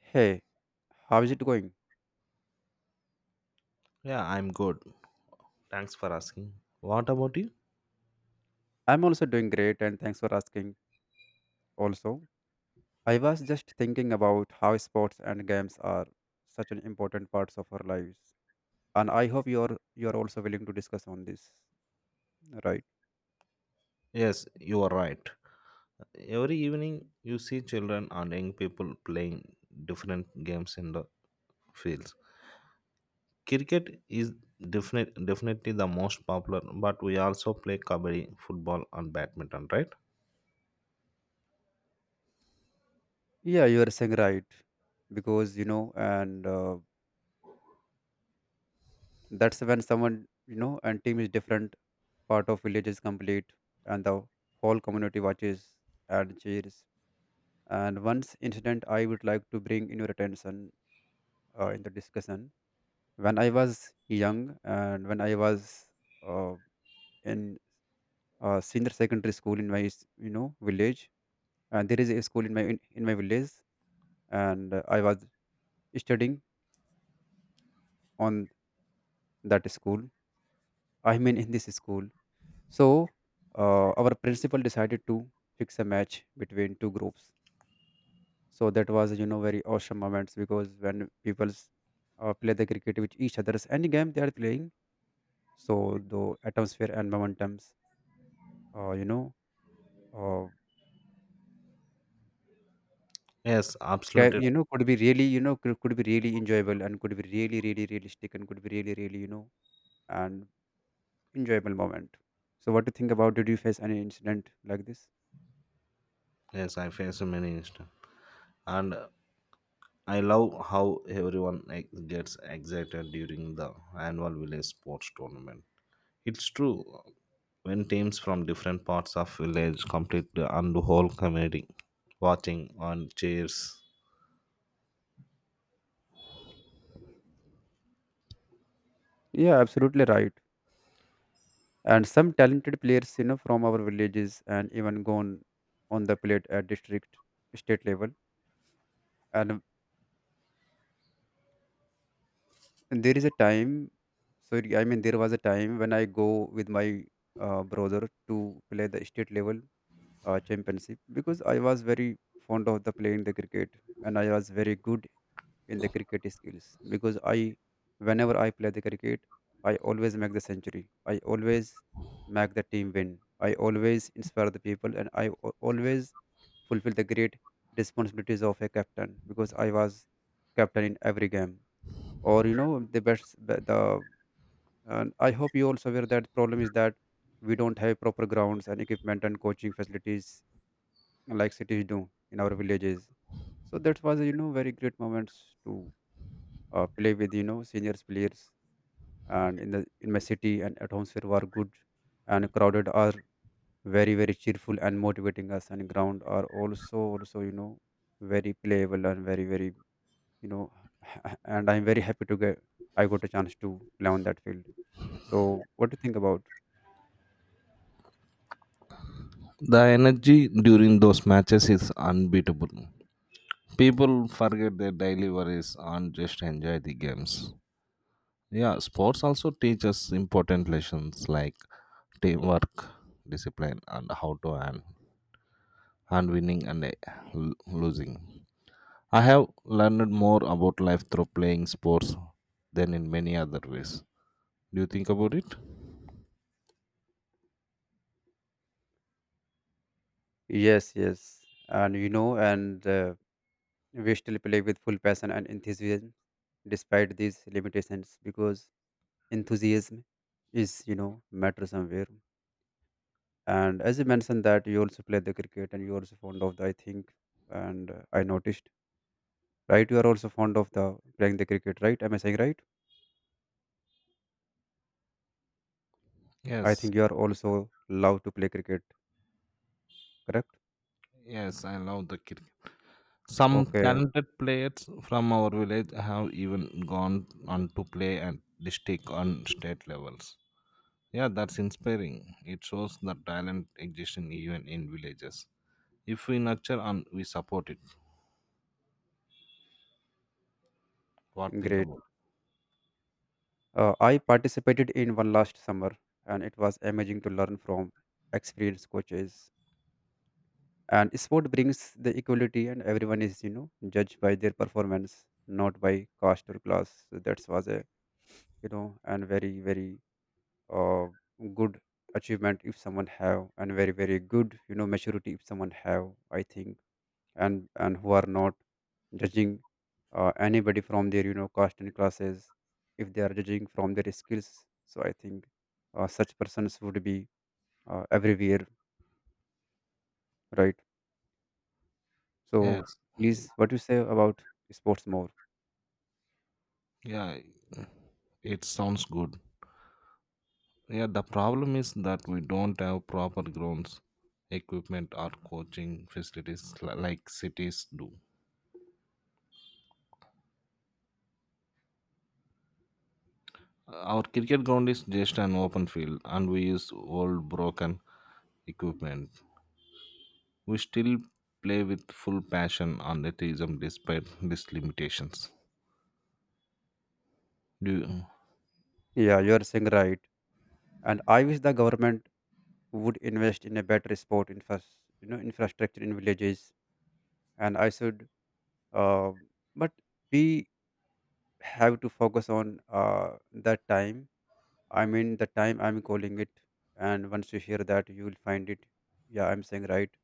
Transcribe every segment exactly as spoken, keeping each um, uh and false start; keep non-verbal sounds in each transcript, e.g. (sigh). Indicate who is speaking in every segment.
Speaker 1: Hey, how is it going?
Speaker 2: Yeah, I'm good. Thanks for asking. What about you?
Speaker 1: I'm also doing great and thanks for asking. Also, I was just thinking about how sports and games are such an important parts of our lives. And I hope you're you're also willing to discuss on this, right?
Speaker 2: Yes, you are right. Every evening, you see children and young people playing different games in the fields. Cricket is definite, definitely the most popular, but we also play kabaddi, football, and badminton, right?
Speaker 1: Yeah, you are saying right because you know, and uh, that's when someone you know and team is different. Part of village is complete, and the whole community watches and cheers. And once incident I would like to bring in your attention uh, in the discussion when I was young and when I was uh, in, uh, senior secondary school in my s- you know village, and there is a school in my in, in my village, and uh, I was studying on that school. I mean in this school. So uh, our principal decided to fix a match between two groups. So that was you know very awesome moments because when people's uh, play the cricket with each other's any game they are playing, so the atmosphere and momentums, uh, you know. Uh,
Speaker 2: Yes,
Speaker 1: Ca
Speaker 2: absolutely.
Speaker 1: you know, could be really, you know, could could be really enjoyable and could be really, really realistic and could be really, really, you know, and enjoyable moment. So what do you think about did you face any incident like this?
Speaker 2: Yes, I face many instances. And uh, I love how everyone ex- gets excited during the annual village sports tournament. It's true. When teams from different parts of village complete the and the whole community watching on cheers.
Speaker 1: Yeah, absolutely right. And some talented players, you know, from our villages and even gone on the plate at district, state level. And there is a time, sorry, I mean, there was a time when I go with my uh, brother to play the state level uh, championship because I was very fond of the playing the cricket and I was very good in the cricket skills because I whenever I play the cricket I always make the century. I always make the team win. I always inspire the people and I al- always fulfill the great responsibilities of a captain because I was captain in every game or you know the best the the- And I hope you also aware that problem is that we don't have proper grounds and equipment and coaching facilities like cities do in our villages. So that was you know very great moments to uh, play with you know seniors players and in the in my city, and atmosphere were good and crowded are very very cheerful and motivating us, and ground are also also you know very playable and very very you know (laughs) and I'm very happy to get I got a chance to play on that field. So what do you think about?
Speaker 2: The energy during those matches is unbeatable. People forget their daily worries and just enjoy the games. Yeah, sports also teach us important lessons like teamwork, discipline, and how to earn, and winning and eh, lo- losing. I have learned more about life through playing sports than in many other ways. Do you think about it?
Speaker 1: Yes, yes, and you know and. Uh, we still play with full passion and enthusiasm despite these limitations because enthusiasm is you know matter somewhere. And as you mentioned that you also play the cricket and you also fond of the, I think. And uh, I noticed, right, you are also fond of the playing the cricket, right? Am I saying right? I
Speaker 2: Yes,
Speaker 1: think you are also love to play cricket, correct?
Speaker 2: yes, I love the cricket. Some
Speaker 1: Okay,
Speaker 2: talented players from our village have even gone on to play at district and state levels. Yeah, that's inspiring. It shows that talent exists in even in villages. If we nurture and we support it, what think
Speaker 1: great.
Speaker 2: about?
Speaker 1: uh, I participated in one last summer and it was amazing to learn from experienced coaches. And sport brings the equality and everyone is you know judged by their performance, not by caste or class. So that was a, you know, and very very uh, good achievement if someone have, and very very good you know maturity if someone have, I think. and and who are not judging uh, anybody from their you know caste and classes, if they are judging from their skills. So I think uh, such persons would be uh, everywhere, right? So
Speaker 2: Yes,
Speaker 1: please, what you say about sports more?
Speaker 2: yeah, it sounds good. Yeah, the problem is that we don't have proper grounds, equipment, or coaching facilities li- like cities do. Our cricket ground is just an open field and we use old broken equipment. We still play with full passion and enthusiasm despite these limitations. Do you-
Speaker 1: Yeah, you are saying right. And I wish the government would invest in a better sport infra- you know, infrastructure in villages. And I should, uh, but we have to focus on uh, that time. I mean, the time I'm calling it. And once you hear that, you will find it. Yeah, I'm saying right.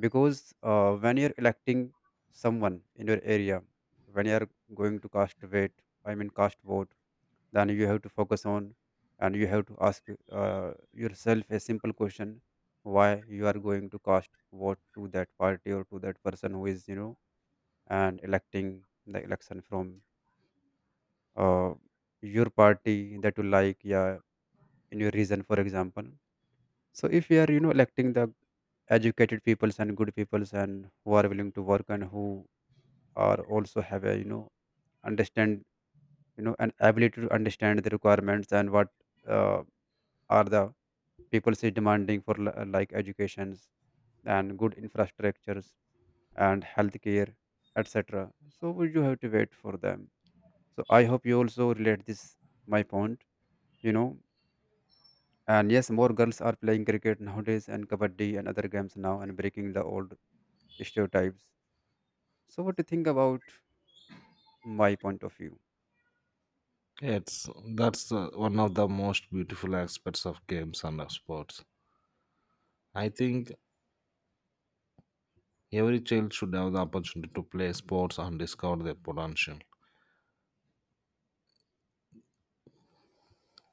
Speaker 1: Because uh, when you're electing someone in your area, when you're going to cast weight I mean cast vote, then you have to focus on and you have to ask uh, yourself a simple question, why you are going to cast vote to that party or to that person who is you know and electing the election from, uh, your party that you like, yeah, in your region, for example. So if we are, you know, electing the educated peoples and good peoples and who are willing to work and who are also have a, you know, understand, you know, an ability to understand the requirements and what uh, are the people say demanding for li- like educations and good infrastructures and healthcare, et cetera. So we do have to wait for them. So I hope you also relate this my point, you know. And yes, more girls are playing cricket nowadays and kabaddi and other games now, and breaking the old stereotypes. So, what do you think about my point of view?
Speaker 2: It's that's uh, one of the most beautiful aspects of games and of sports. I think every child should have the opportunity to play sports and discover their potential.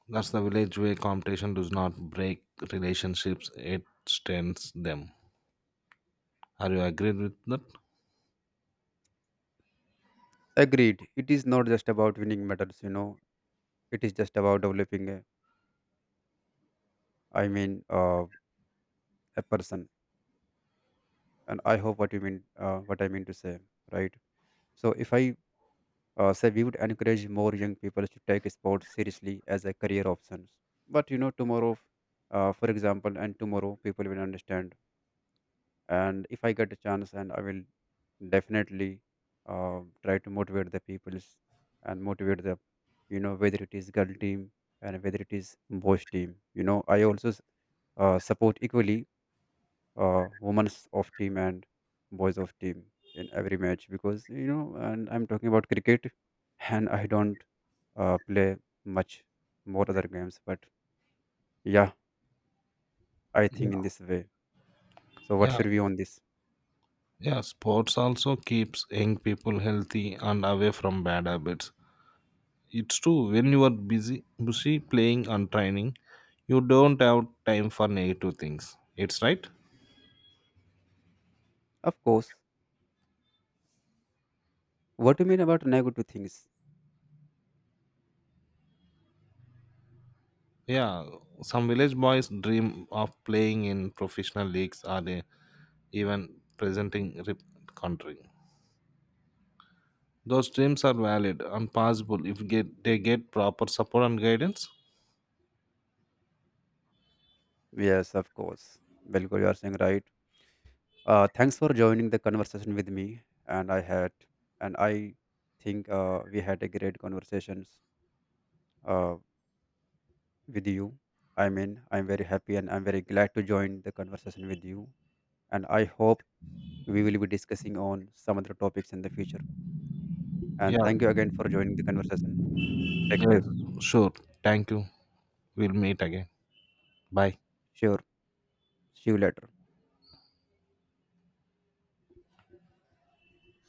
Speaker 2: That's the village way competition does not break relationships, it strengthens them. Are you agreed with that?
Speaker 1: Agreed. It is not just about winning medals, you know. It is just about developing a, I mean, uh, a person. And I hope what you mean, uh, what I mean to say, right? So, if I uh, say we would encourage more young people to take sports seriously as a career options. But you know, tomorrow, uh, for example, and tomorrow people will understand. And if I get a chance, and I will definitely uh, try to motivate the peoples and motivate the you know whether it is girl team and whether it is boys team, you know. I also s- uh, support equally uh, women's of team and boys of team in every match, because you know and I'm talking about cricket and I don't uh, play much more other games, but yeah, I think in this way. So what
Speaker 2: Yeah,
Speaker 1: should we on this?
Speaker 2: yeah, sports also keeps young people healthy and away from bad habits. It's true when you are busy busy playing and training, you don't have time for negative things. It's right?
Speaker 1: Of course. What do you mean about negative things?
Speaker 2: Yeah, some village boys dream of playing in professional leagues or they even presenting rep- country. Those dreams are valid and possible if get they get proper support and guidance.
Speaker 1: Yes, of course. Bilkul, you are saying right. Uh, thanks for joining the conversation with me. And I had, and I think uh, we had a great conversations uh, with you. I mean, I'm very happy and I'm very glad to join the conversation with you. And I hope we will be discussing on some other topics in the future. And
Speaker 2: Yeah,
Speaker 1: thank you again for joining the conversation. Take care.
Speaker 2: yes, sure. Thank you. We'll meet again. Bye.
Speaker 1: Sure. See you later.